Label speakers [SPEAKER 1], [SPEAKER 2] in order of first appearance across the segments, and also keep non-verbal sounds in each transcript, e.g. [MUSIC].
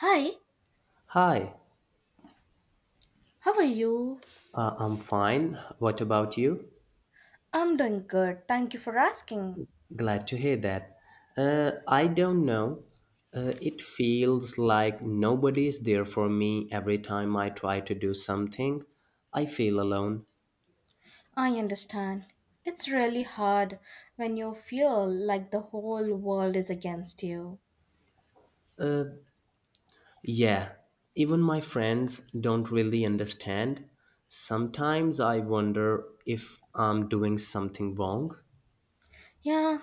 [SPEAKER 1] Hi,
[SPEAKER 2] Hi,
[SPEAKER 1] how are you?
[SPEAKER 2] I'm fine. What about you?
[SPEAKER 1] I'm doing good. Thank you for asking.
[SPEAKER 2] Glad to hear that. I don't know. It feels like nobody is there for me every time I try to do something. I feel alone.
[SPEAKER 1] I understand. It's really hard when you feel like the whole world is against you.
[SPEAKER 2] Yeah, even my friends don't really understand. Sometimes I wonder if I'm doing something wrong.
[SPEAKER 1] Yeah,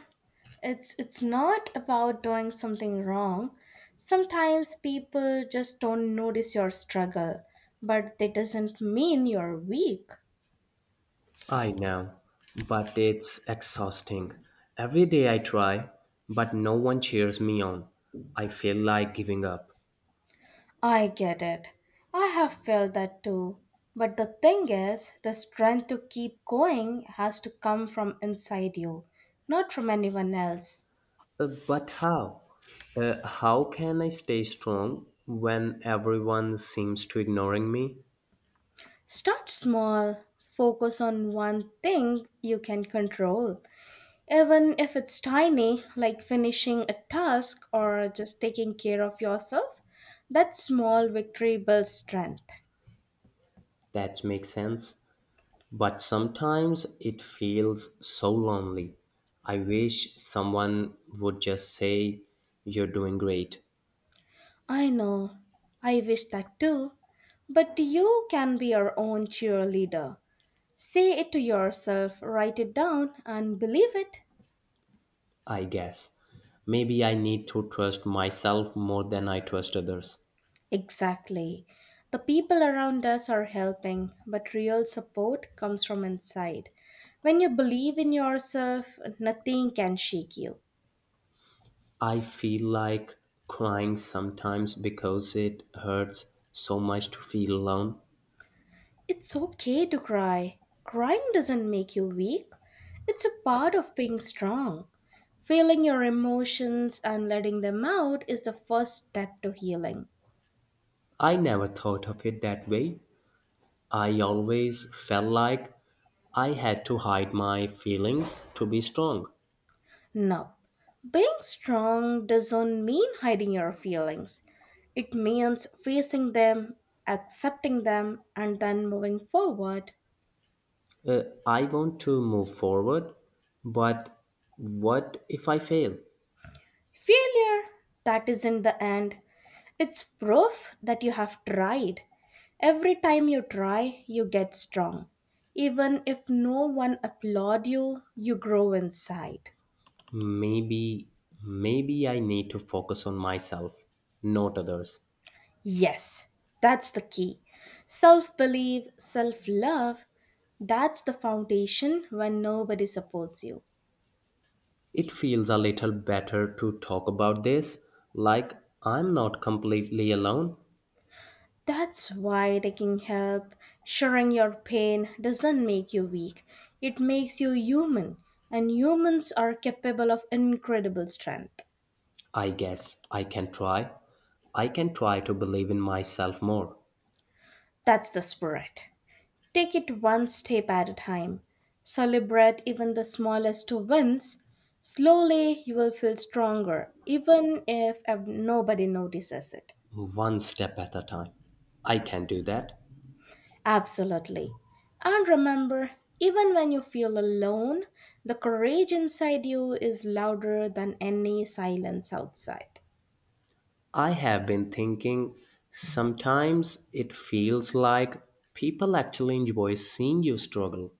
[SPEAKER 1] it's not about doing something wrong. Sometimes people just don't notice your struggle, but that doesn't mean you're weak.
[SPEAKER 2] I know, but it's exhausting. Every day I try, but no one cheers me on. I feel like giving up.
[SPEAKER 1] I get it. I have felt that too. But the thing is, the strength to keep going has to come from inside you, not from anyone else.
[SPEAKER 2] But how? How can I stay strong when everyone seems to ignoring me?
[SPEAKER 1] Start small, focus on one thing you can control, even if it's tiny, like finishing a task or just taking care of yourself. That small victory builds strength.
[SPEAKER 2] That makes sense. But sometimes it feels so lonely. I wish someone would just say, "You're doing great."
[SPEAKER 1] I know. I wish that too. But you can be your own cheerleader. Say it to yourself, write it down, and believe it.
[SPEAKER 2] I guess. Maybe I need to trust myself more than I trust others.
[SPEAKER 1] Exactly. The people around us are helping, but real support comes from inside. When you believe in yourself, nothing can shake you.
[SPEAKER 2] I feel like crying sometimes because it hurts so much to feel alone.
[SPEAKER 1] It's okay to cry. Crying doesn't make you weak, it's a part of being strong. Feeling your emotions and letting them out is the first step to healing.
[SPEAKER 2] I never thought of it that way. I always felt like I had to hide my feelings to be strong.
[SPEAKER 1] No, being strong doesn't mean hiding your feelings. It means facing them, accepting them, and then moving forward.
[SPEAKER 2] I want to move forward, but what if I fail?
[SPEAKER 1] Failure, that isn't the end. It's proof that you have tried. Every time you try, you get strong. Even if no one applaud you, you grow inside.
[SPEAKER 2] Maybe, maybe I need to focus on myself, not others.
[SPEAKER 1] Yes, that's the key. Self belief, self love, that's the foundation when nobody supports you.
[SPEAKER 2] It feels a little better to talk about this, like I'm not completely alone.
[SPEAKER 1] That's why taking help, sharing your pain doesn't make you weak. It makes you human, and humans are capable of incredible strength.
[SPEAKER 2] I guess I can try. I can try to believe in myself more,
[SPEAKER 1] That's the spirit. Take it one step at a time. Celebrate even the smallest wins. Slowly, you will feel stronger, even if nobody notices it.
[SPEAKER 2] one step at a time. I can do that.
[SPEAKER 1] Absolutely. And remember, even when you feel alone, the courage inside you is louder than any silence outside.
[SPEAKER 2] I have been thinking sometimes it feels like people actually enjoy seeing you struggle,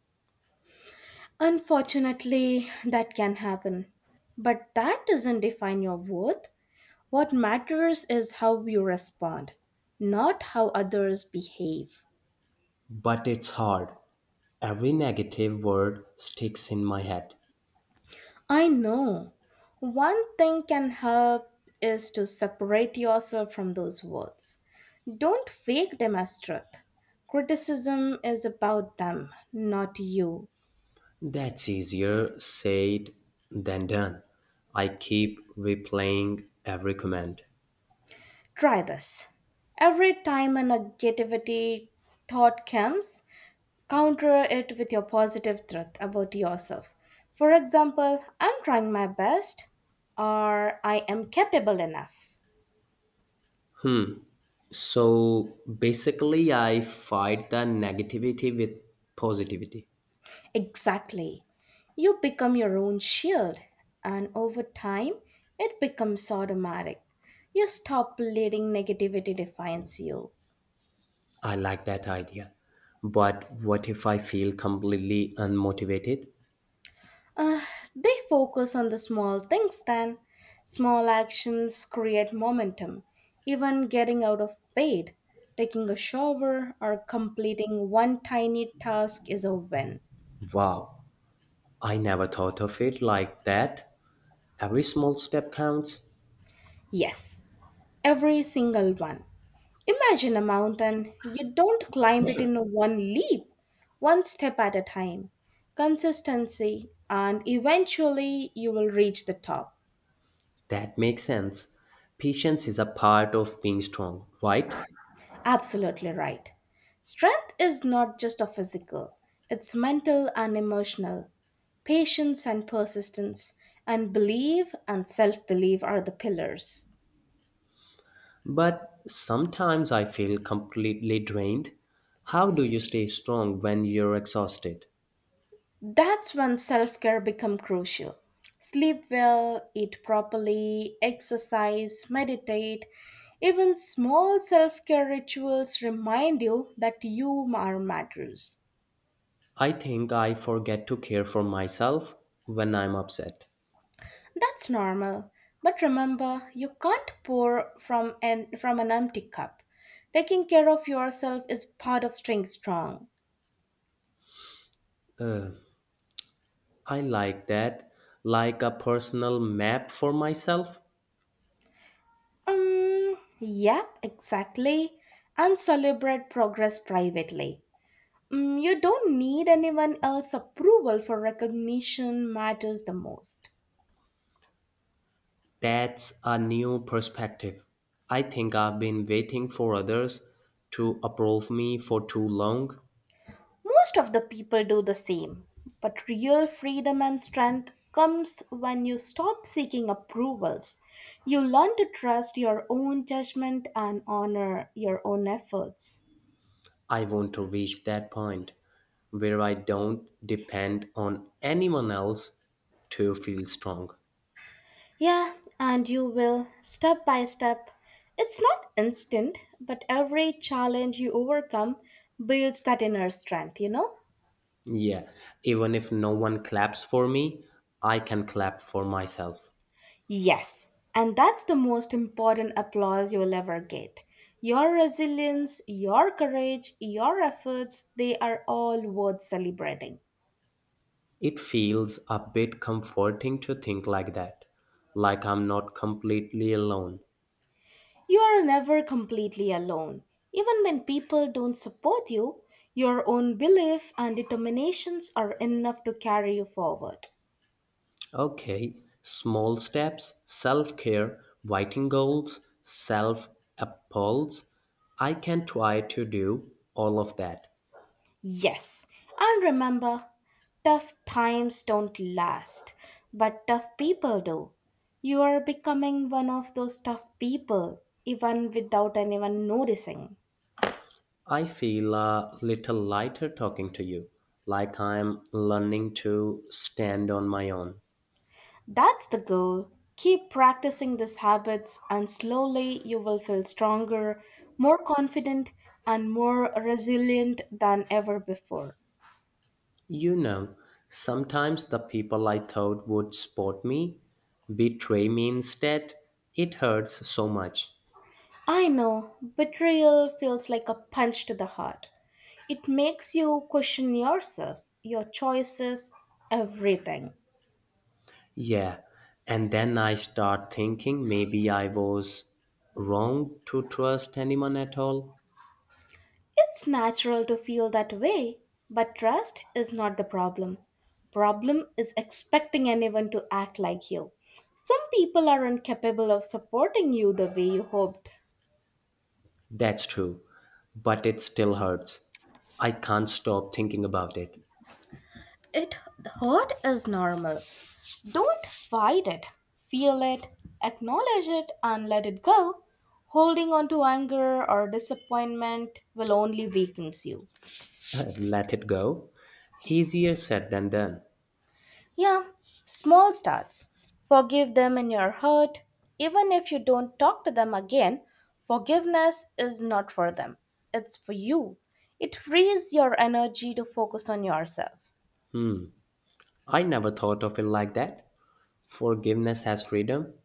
[SPEAKER 1] Unfortunately, that can happen. But that doesn't define your worth. What matters is how you respond, not how others behave.
[SPEAKER 2] but it's hard. Every negative word sticks in my head.
[SPEAKER 1] I know. One thing can help is to separate yourself from those words. Don't fake them as truth. Criticism is about them, not you.
[SPEAKER 2] That's easier said than done. I keep replaying every comment.
[SPEAKER 1] Try this. Every time a negativity thought comes, counter it with your positive truth about yourself. For example, I'm trying my best or I am capable enough.
[SPEAKER 2] Hmm. So basically, I fight the negativity with positivity.
[SPEAKER 1] Exactly. You become your own shield, and over time, it becomes automatic. You stop letting negativity define you.
[SPEAKER 2] I like that idea. But what if I feel completely unmotivated?
[SPEAKER 1] Uh, they focus on the small things then. Small actions create momentum. Even getting out of bed, taking a shower, or completing one tiny task is a win.
[SPEAKER 2] Wow, I never thought of it like that. Every small step counts.
[SPEAKER 1] Yes, every single one. Imagine a mountain. You don't climb it in one leap, one step at a time. Consistency, and eventually you will reach the top.
[SPEAKER 2] That makes sense. Patience is a part of being strong, right?
[SPEAKER 1] Absolutely right. Strength is not just a physical, it's mental and emotional. Patience and persistence, and belief and self belief are the pillars.
[SPEAKER 2] But sometimes I feel completely drained. How do you stay strong when you're exhausted?
[SPEAKER 1] That's when self care become crucial. Sleep well, eat properly, exercise, meditate. Even small self care rituals remind you that you are matters.
[SPEAKER 2] I think I forget to care for myself when I'm upset.
[SPEAKER 1] That's normal. But remember, you can't pour from an empty cup. Taking care of yourself is part of staying strong.
[SPEAKER 2] I like that, like a personal map for myself.
[SPEAKER 1] Yep, exactly. And celebrate progress privately. You don't need anyone else's approval for recognition matters the most.
[SPEAKER 2] That's a new perspective. I think I've been waiting for others to approve me for too long.
[SPEAKER 1] Most of the people do the same, but real freedom and strength comes when you stop seeking approvals. You learn to trust your own judgment and honor your own efforts.
[SPEAKER 2] I want to reach that point where I don't depend on anyone else to feel strong.
[SPEAKER 1] Yeah, and you will, step by step. It's not instant, but every challenge you overcome builds that inner strength, you know?
[SPEAKER 2] Yeah, even if no one claps for me, I can clap for myself.
[SPEAKER 1] Yes, and that's the most important applause you'll ever get. Your resilience, your courage, your efforts, they are all worth celebrating.
[SPEAKER 2] It feels a bit comforting to think like that, like I'm not completely alone.
[SPEAKER 1] You are never completely alone. Even when people don't support you, your own belief and determinations are enough to carry you forward.
[SPEAKER 2] Okay, small steps, self care, writing goals, self appalls. I can try to do all of that.
[SPEAKER 1] Yes, and remember, tough times don't last, but tough people do. You are becoming one of those tough people, even without anyone noticing.
[SPEAKER 2] I feel a little lighter talking to you, like I'm learning to stand on my own.
[SPEAKER 1] That's the goal. Keep practicing these habits, and slowly you will feel stronger, more confident, and more resilient than ever before.
[SPEAKER 2] You know sometimes the people I thought would support me betray me instead. It hurts so much.
[SPEAKER 1] I know, betrayal feels like a punch to the heart. It makes you question yourself, your choices, everything.
[SPEAKER 2] Yeah, and then I start thinking maybe I was wrong to trust anyone at all.
[SPEAKER 1] It's natural to feel that way, but trust is not the problem. Problem is expecting anyone to act like you. Some people aren't capable of supporting you the way you hoped.
[SPEAKER 2] That's true, but it still hurts. I can't stop thinking about it.
[SPEAKER 1] It hurt is normal, don't fight it. Feel it, acknowledge it, and let it go. Holding on to anger or disappointment will only weaken you.
[SPEAKER 2] [LAUGHS] Let it go. Easier said than done.
[SPEAKER 1] Yeah, small starts. Forgive them in your heart. Even if you don't talk to them again, forgiveness is not for them, it's for you. It frees your energy to focus on yourself.
[SPEAKER 2] I never thought of it like that. Forgiveness has freedom.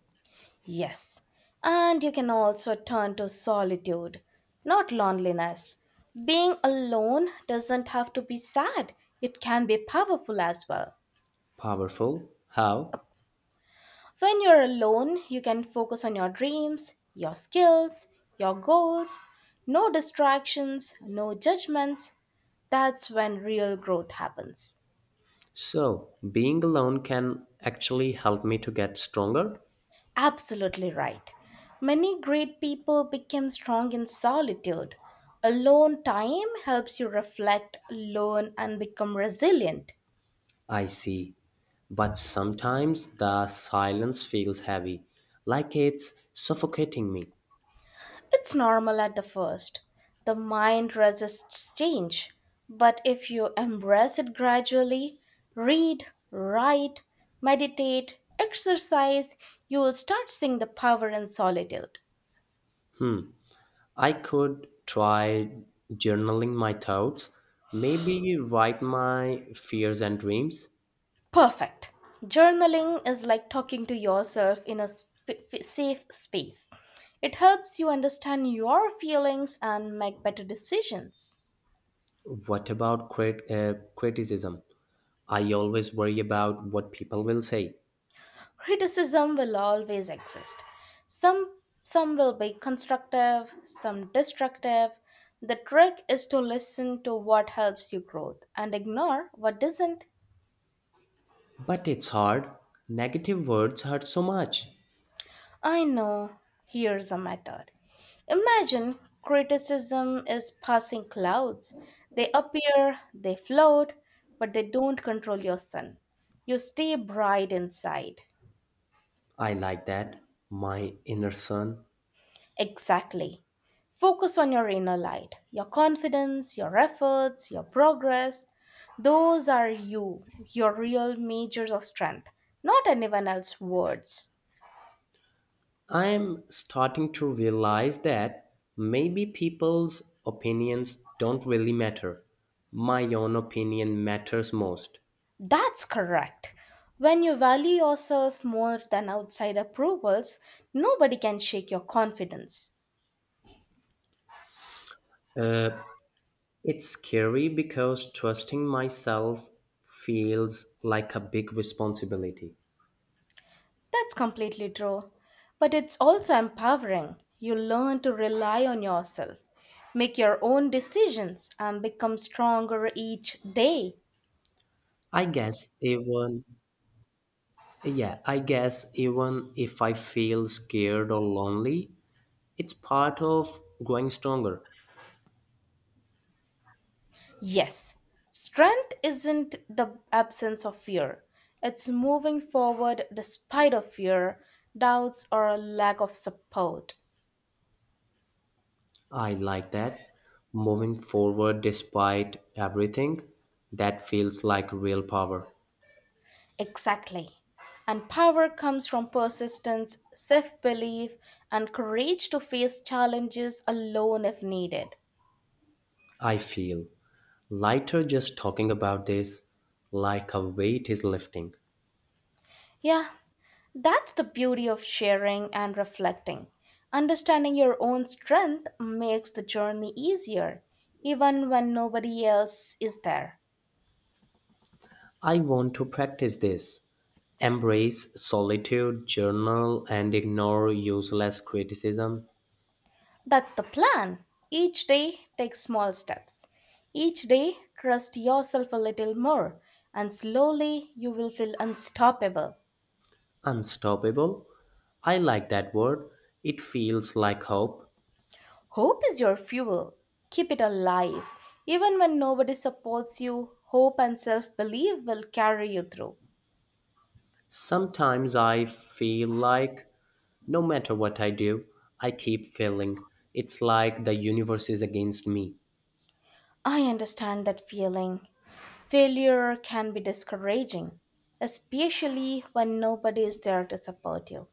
[SPEAKER 1] Yes, and you can also turn to solitude, not loneliness. Being alone doesn't have to be sad, it can be powerful as well.
[SPEAKER 2] Powerful. How?
[SPEAKER 1] When you're alone, you can focus on your dreams, your skills, your goals. No distractions, no judgments. That's when real growth happens.
[SPEAKER 2] So, being alone can actually help me to get stronger?
[SPEAKER 1] Absolutely right. Many great people became strong in solitude. Alone time helps you reflect, learn, and become resilient.
[SPEAKER 2] I see. But sometimes the silence feels heavy, like it's suffocating me.
[SPEAKER 1] It's normal at the first. The mind resists change. But if you embrace it gradually, read, write, meditate, exercise, you will start seeing the power in solitude.
[SPEAKER 2] I could try journaling my thoughts, maybe write my fears and dreams.
[SPEAKER 1] Perfect. Journaling is like talking to yourself in a safe space. It helps you understand your feelings and make better decisions.
[SPEAKER 2] What about criticism? I always worry about what people will say.
[SPEAKER 1] Criticism will always exist. Some some will be constructive, some destructive. The trick is to listen to what helps you growth and ignore what doesn't.
[SPEAKER 2] But it's hard. Negative words hurt so much.
[SPEAKER 1] I know. Here's a method. Imagine criticism is passing clouds. They appear, they float, but they don't control your sun. You stay bright inside.
[SPEAKER 2] I like that. My inner son.
[SPEAKER 1] Exactly. Focus on your inner light, your confidence, your efforts, your progress. Those are you, your real measures of strength, not anyone else's words.
[SPEAKER 2] I'm starting to realize that maybe people's opinions don't really matter. My own opinion matters most.
[SPEAKER 1] That's correct. When you value yourself more than outside approvals, nobody can shake your confidence.
[SPEAKER 2] It's scary because trusting myself feels like a big responsibility.
[SPEAKER 1] That's completely true. But it's also empowering. You learn to rely on yourself, make your own decisions, and become stronger each day.
[SPEAKER 2] I guess even. Yeah, I guess even if I feel scared or lonely, it's part of growing stronger.
[SPEAKER 1] Yes, strength isn't the absence of fear. It's moving forward despite of fear, doubts, or a lack of support.
[SPEAKER 2] I like that. Moving forward despite everything, that feels like real power.
[SPEAKER 1] Exactly. And power comes from persistence, self belief, and courage to face challenges alone if needed.
[SPEAKER 2] I feel lighter just talking about this, like a weight is lifting.
[SPEAKER 1] Yeah, that's the beauty of sharing and reflecting. Understanding your own strength makes the journey easier, even when nobody else is there.
[SPEAKER 2] I want to practice this. Embrace solitude, journal, and ignore useless criticism.
[SPEAKER 1] That's the plan. Each day, take small steps. Each day, trust yourself a little more, and slowly you will feel unstoppable.
[SPEAKER 2] Unstoppable. I like that word. It feels like hope.
[SPEAKER 1] Hope is your fuel. Keep it alive. Even when nobody supports you, hope and self belief will carry you through.
[SPEAKER 2] Sometimes I feel like no matter what I do, I keep failing. It's like the universe is against me.
[SPEAKER 1] I understand that feeling. Failure can be discouraging, especially when nobody is there to support you.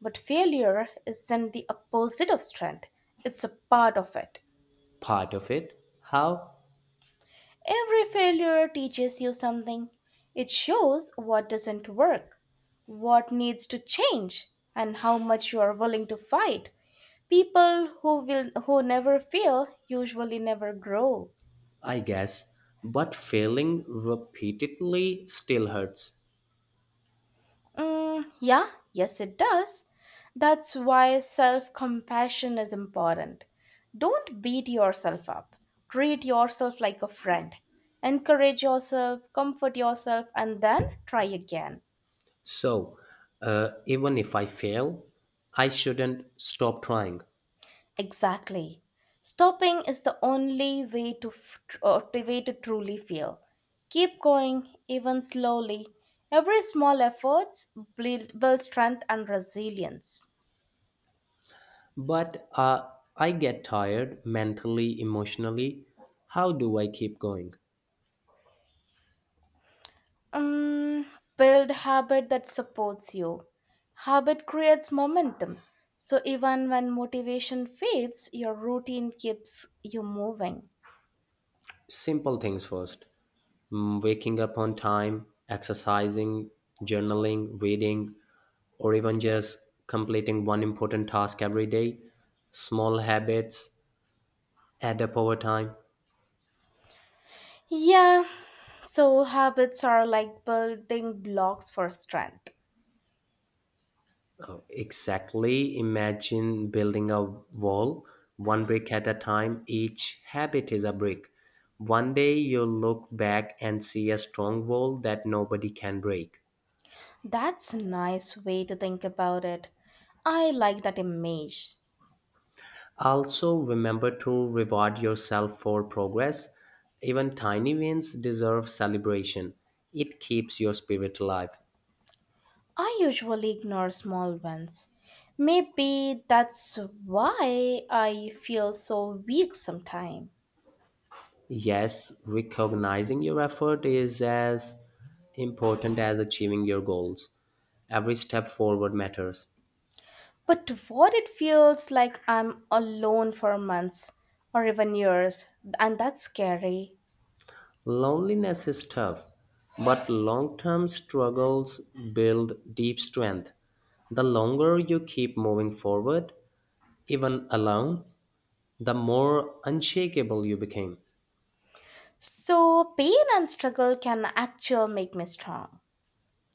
[SPEAKER 1] But failure isn't the opposite of strength, it's a part of it.
[SPEAKER 2] Part of it. How?
[SPEAKER 1] Every failure teaches you something. It shows what doesn't work, what needs to change, and how much you are willing to fight. People who never fail usually never grow.
[SPEAKER 2] I guess. But failing repeatedly still hurts.
[SPEAKER 1] Mm, yeah, yes, it does. That's why self compassion is important. Don't beat yourself up. Treat yourself like a friend. Encourage yourself, comfort yourself, and then try again.
[SPEAKER 2] So, even if I fail, I shouldn't stop trying.
[SPEAKER 1] Exactly. Stopping is the only way to, f- tr- to- way to truly feel. Keep going, even slowly. Every small efforts build strength and resilience.
[SPEAKER 2] But I get tired mentally, emotionally. How do I keep going?
[SPEAKER 1] Um, build habit that supports you. Habit creates momentum. So even when motivation fades, your routine keeps you moving.
[SPEAKER 2] Simple things first. Mm, waking up on time, exercising, journaling, reading, or even just completing one important task every day. Small habits add up over time.
[SPEAKER 1] Yeah. So habits are like building blocks for strength.
[SPEAKER 2] Exactly. Imagine building a wall one brick at a time. Each habit is a brick. One day you'll look back and see a strong wall that nobody can break.
[SPEAKER 1] That's a nice way to think about it. I like that image.
[SPEAKER 2] Also, remember to reward yourself for progress. Even tiny wins deserve celebration. It keeps your spirit alive.
[SPEAKER 1] I usually ignore small ones. Maybe that's why I feel so weak sometimes.
[SPEAKER 2] Yes, recognizing your effort is as important as achieving your goals. Every step forward matters.
[SPEAKER 1] But what it feels like I'm alone for months or even years, and that's scary.
[SPEAKER 2] Loneliness is tough, but long term struggles build deep strength. The longer you keep moving forward, even alone, the more unshakable you became.
[SPEAKER 1] So, pain and struggle can actually make me strong.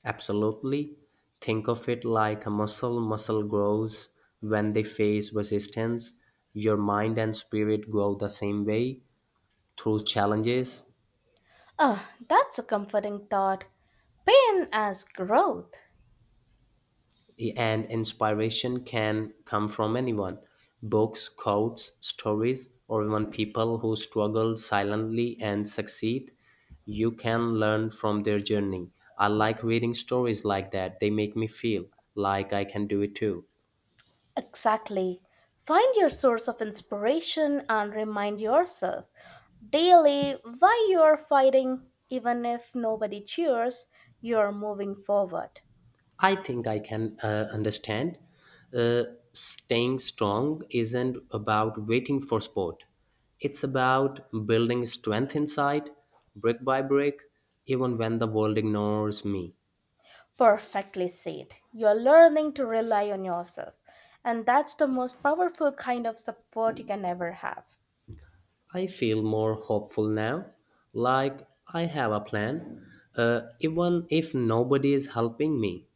[SPEAKER 2] Absolutely. Think of it like a muscle. Muscle grows when they face resistance. Your mind and spirit grow the same way through challenges.
[SPEAKER 1] Oh, that's a comforting thought. Pain as growth.
[SPEAKER 2] And inspiration can come from anyone books, quotes, stories, or even people who struggle silently and succeed. You can learn from their journey. I like reading stories like that, they make me feel like I can do it too.
[SPEAKER 1] Exactly. Find your source of inspiration and remind yourself daily why you are fighting, even if nobody cheers, you are moving forward.
[SPEAKER 2] I think I can understand. Uh, Staying strong isn't about waiting for sport. It's about building strength inside, brick by brick, even when the world ignores me.
[SPEAKER 1] Perfectly said. You are learning to rely on yourself, and that's the most powerful kind of support you can ever have.
[SPEAKER 2] I feel more hopeful now, like I have a plan, even if nobody is helping me.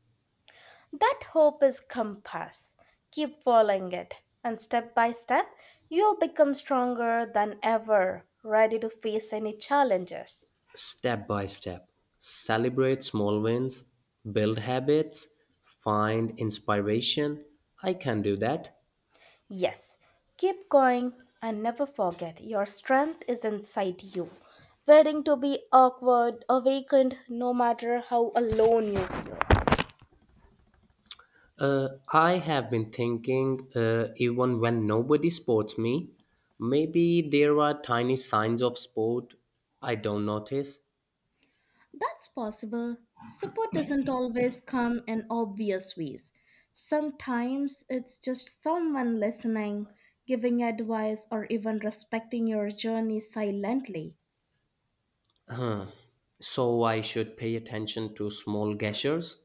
[SPEAKER 1] That hope is compass. Keep following it, and step by step, you'll become stronger than ever, ready to face any challenges.
[SPEAKER 2] Step by step, celebrate small wins, build habits, find inspiration. I can do that.
[SPEAKER 1] Yes, keep going and never forget your strength is inside you, waiting to be awakened, no matter how alone you feel.
[SPEAKER 2] I have been thinking, even when nobody supports me, maybe there are tiny signs of support. I don't notice,
[SPEAKER 1] That's possible. Support doesn't always come in obvious ways. Sometimes it's just someone listening, giving advice, or even respecting your journey silently.
[SPEAKER 2] so I should pay attention to small gestures.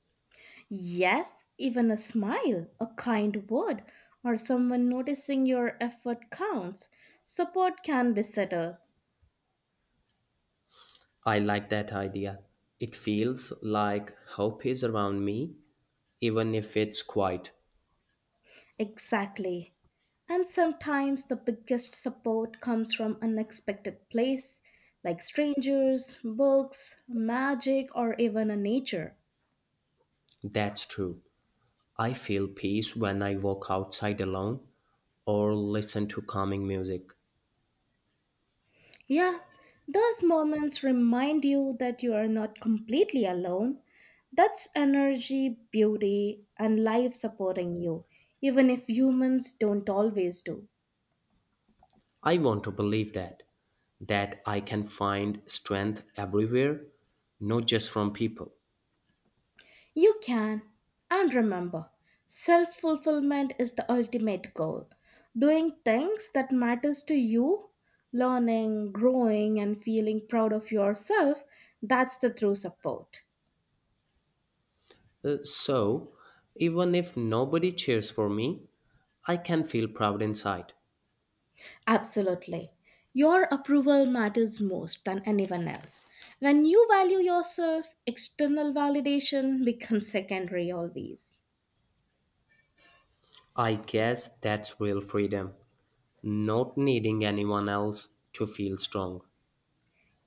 [SPEAKER 1] Yes, even a smile, a kind word, or someone noticing your effort counts. Support can be subtle.
[SPEAKER 2] I like that idea. It feels like hope is around me, even if it's quiet.
[SPEAKER 1] Exactly. And sometimes the biggest support comes from unexpected place, like strangers, books, magic, or even a nature.
[SPEAKER 2] That's true. I feel peace when I walk outside alone or listen to calming music.
[SPEAKER 1] Yeah, those moments remind you that you are not completely alone. That's energy, beauty, and life supporting you, even if humans don't always do.
[SPEAKER 2] I want to believe that, that I can find strength everywhere, not just from people.
[SPEAKER 1] You can. And remember, self fulfillment is the ultimate goal. Doing things that matters to you, learning, growing, and feeling proud of yourself, that's the true support.
[SPEAKER 2] So, even if nobody cheers for me, I can feel proud inside.
[SPEAKER 1] Absolutely. Your approval matters most than anyone else. When you value yourself, external validation [LAUGHS] becomes secondary always.
[SPEAKER 2] I guess that's real freedom. Not needing anyone else to feel strong.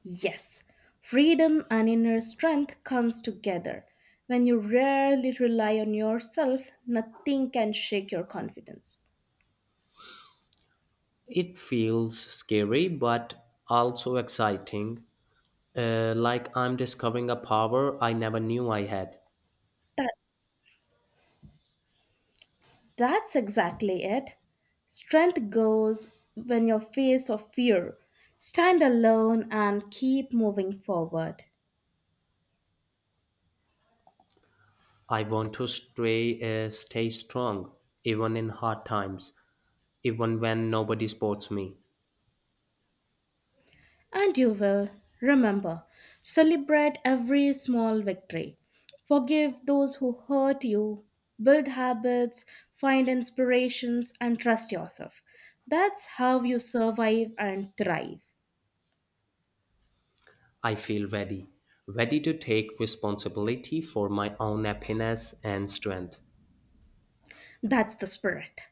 [SPEAKER 1] Yes, freedom and inner strength comes together. When you rarely rely on yourself, nothing can shake your confidence.
[SPEAKER 2] It feels scary but also exciting, like I'm discovering a power I never knew I had.
[SPEAKER 1] That that's exactly it. Strength goes when your face of fear. Stand alone and keep moving forward.
[SPEAKER 2] I want to stay strong, even in hard times, even when nobody supports me.
[SPEAKER 1] And you will. Remember, celebrate every small victory. Forgive those who hurt you, build habits, find inspirations, and trust yourself. That's how you survive and thrive.
[SPEAKER 2] I feel ready, ready to take responsibility for my own happiness and strength.
[SPEAKER 1] That's the spirit.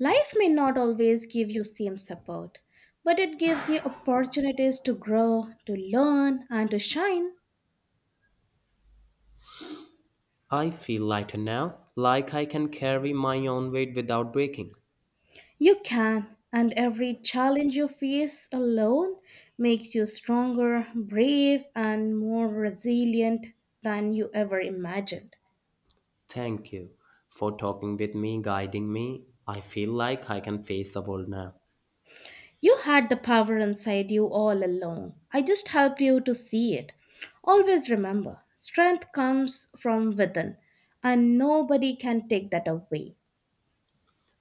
[SPEAKER 1] Life may not always give you same support, but it gives you opportunities to grow, to learn, and to shine.
[SPEAKER 2] I feel lighter now, like I can carry my own weight without breaking.
[SPEAKER 1] You can, and every challenge you face alone makes you stronger, brave, and more resilient than you ever imagined.
[SPEAKER 2] Thank you for talking with me, guiding me. I feel like I can face the world now.
[SPEAKER 1] You had the power inside you all along. I just help you to see it. Always remember, strength comes from within, and nobody can take that away.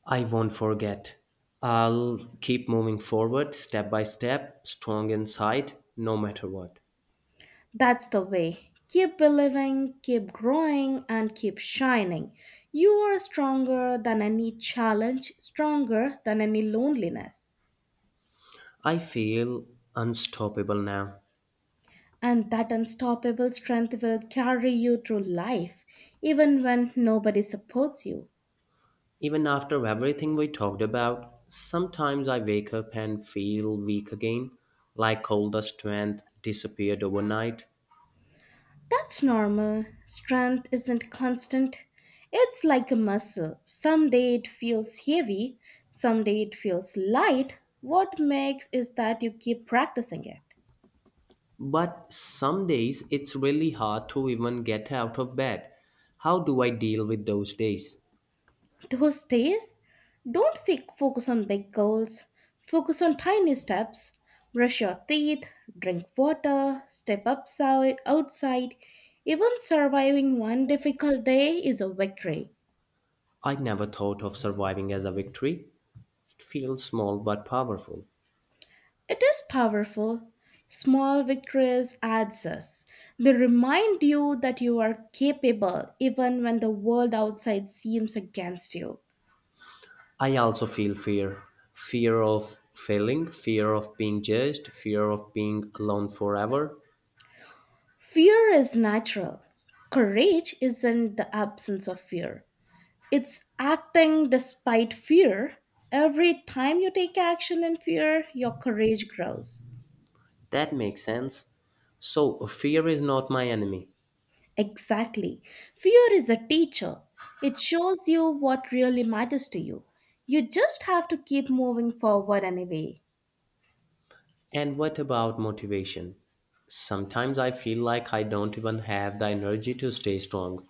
[SPEAKER 2] I won't forget. I'll keep moving forward, step by step, strong inside, no matter what.
[SPEAKER 1] That's the way. Keep believing, keep growing, and keep shining. You are stronger than any challenge, stronger than any loneliness.
[SPEAKER 2] I feel unstoppable now.
[SPEAKER 1] And that unstoppable strength will carry you through life, even when nobody supports you.
[SPEAKER 2] Even after everything we talked about, sometimes I wake up and feel weak again, like all the strength disappeared overnight.
[SPEAKER 1] That's normal. Strength isn't constant. It's like a muscle. Someday it feels heavy, someday it feels light. What makes is that you keep practicing it.
[SPEAKER 2] But some days it's really hard to even get out of bed. How do I deal with those days?
[SPEAKER 1] Those days, don't focus on big goals. Focus on tiny steps. Brush your teeth, drink water, step upside, outside. Even surviving one difficult day is a victory.
[SPEAKER 2] I never thought of surviving as a victory. It feels small but powerful.
[SPEAKER 1] It is powerful. Small victories adds us. They remind you that you are capable even when the world outside seems against you.
[SPEAKER 2] I also feel fear fear of failing, fear of being judged, fear of being alone forever.
[SPEAKER 1] Fear is natural. Courage is in the absence of fear. It's acting despite fear. Every time you take action in fear, your courage grows.
[SPEAKER 2] That makes sense. So, fear is not my enemy.
[SPEAKER 1] Exactly. Fear is a teacher, it shows you what really matters to you. You just have to keep moving forward anyway.
[SPEAKER 2] And what about motivation? Sometimes I feel like I don't even have the energy to stay strong.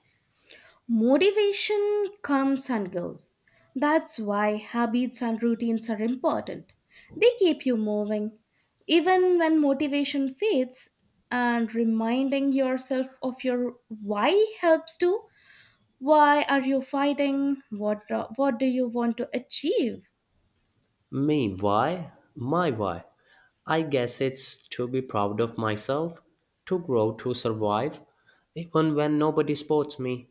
[SPEAKER 1] Motivation comes and goes. That's why habits and routines are important. They keep you moving. Even when motivation fades, and reminding yourself of your why helps too. Why are you fighting? What do you want to achieve?
[SPEAKER 2] Me, why? My, why? I guess it's to be proud of myself, to grow, to survive, even when nobody supports me.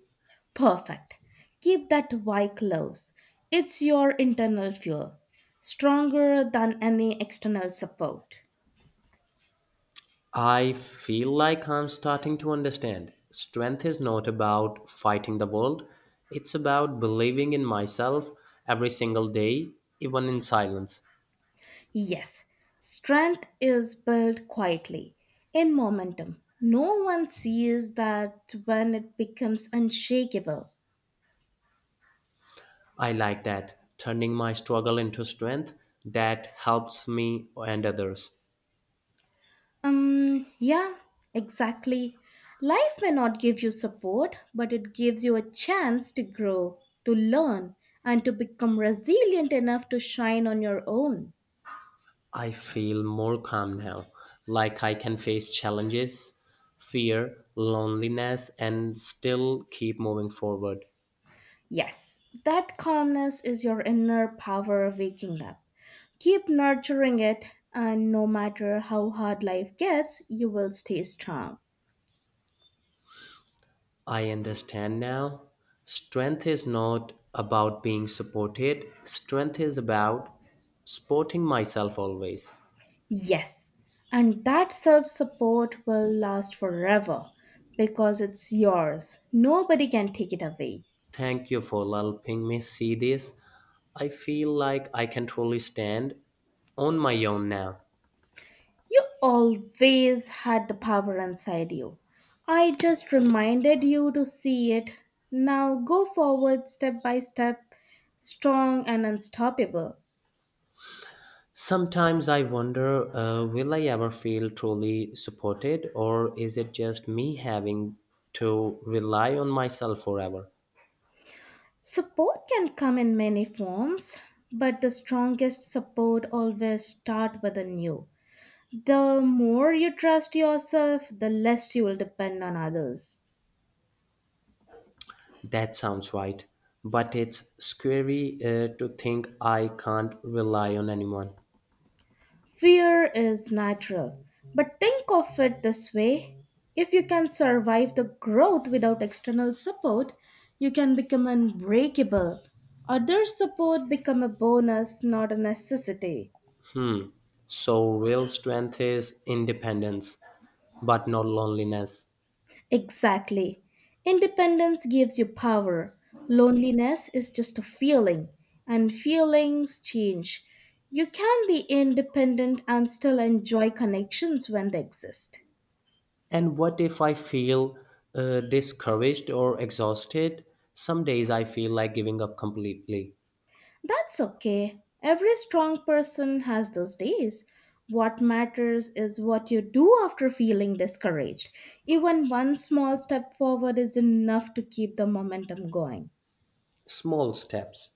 [SPEAKER 1] Perfect. Keep that why close. It's your internal fuel, stronger than any external support.
[SPEAKER 2] I feel like I'm starting to understand. Strength is not about fighting the world, it's about believing in myself every single day, even in silence.
[SPEAKER 1] Yes, strength is built quietly in momentum. No one sees that when it becomes unshakable.
[SPEAKER 2] I like that, turning my struggle into strength that helps me and others.
[SPEAKER 1] Yeah, exactly. Life may not give you support, but it gives you a chance to grow, to learn, and to become resilient enough to shine on your own.
[SPEAKER 2] I feel more calm now, like I can face challenges, fear, loneliness, and still keep moving forward.
[SPEAKER 1] Yes, that calmness is your inner power waking up. Keep nurturing it, and no matter how hard life gets, you will stay strong.
[SPEAKER 2] I understand now. Strength is not about being supported, strength is about supporting myself always.
[SPEAKER 1] Yes, and that self support will last forever because it's yours. Nobody can take it away.
[SPEAKER 2] Thank you for helping me see this. I feel like I can truly stand on my own now.
[SPEAKER 1] You always had the power inside you. I just reminded you to see it. Now go forward step by step, strong and unstoppable.
[SPEAKER 2] Sometimes I wonder will I ever feel truly supported, or is it just me having to rely on myself forever?
[SPEAKER 1] Support can come in many forms, but the strongest support always starts within you. The more you trust yourself, the less you will depend on others.
[SPEAKER 2] That sounds right, but it's scary to think I can't rely on anyone.
[SPEAKER 1] Fear is natural, but think of it this way if you can survive the growth without external support, you can become unbreakable. Other support become a bonus, not a necessity.
[SPEAKER 2] Hmm. So, real strength is independence, but not loneliness.
[SPEAKER 1] Exactly. Independence gives you power. Loneliness is just a feeling, and feelings change. You can be independent and still enjoy connections when they exist.
[SPEAKER 2] And what if I feel discouraged or exhausted? Some days I feel like giving up completely.
[SPEAKER 1] That's okay. Every strong person has those days. What matters is what you do after feeling discouraged. Even one small step forward is enough to keep the momentum going.
[SPEAKER 2] Small steps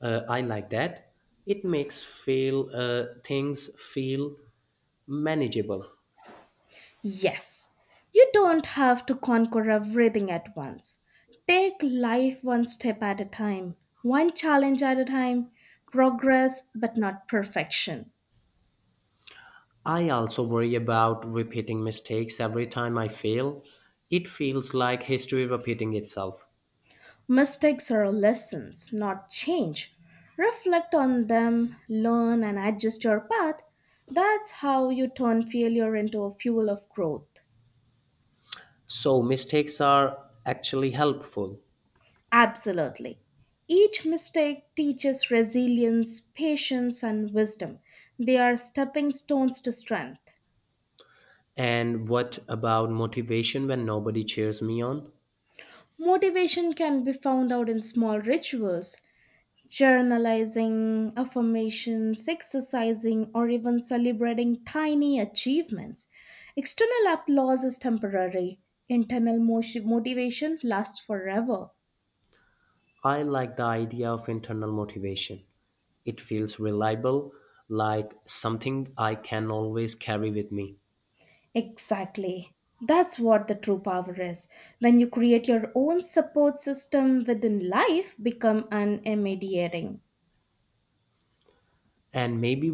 [SPEAKER 2] I like that. It makes feel things feel manageable.
[SPEAKER 1] Yes, you don't have to conquer everything at once. Take life one step at a time, one challenge at a time, progress but not perfection.
[SPEAKER 2] I also worry about repeating mistakes every time I fail. It feels like history repeating itself.
[SPEAKER 1] Mistakes are lessons, not change. Reflect on them, learn, and adjust your path. That's how you turn failure into a fuel of growth.
[SPEAKER 2] So mistakes are actually helpful.
[SPEAKER 1] Absolutely. Each mistake teaches resilience, patience, and wisdom. They are stepping stones to strength.
[SPEAKER 2] And what about motivation when nobody cheers me on?
[SPEAKER 1] Motivation can be found out in small rituals, journalizing, affirmations, exercising, or even celebrating tiny achievements. External applause is temporary, internal motivation lasts forever.
[SPEAKER 2] I like the idea of internal motivation. It feels reliable, like something I can always carry with me.
[SPEAKER 1] Exactly. That's what the true power is. When you create your own support system within life, become unmediating.
[SPEAKER 2] And maybe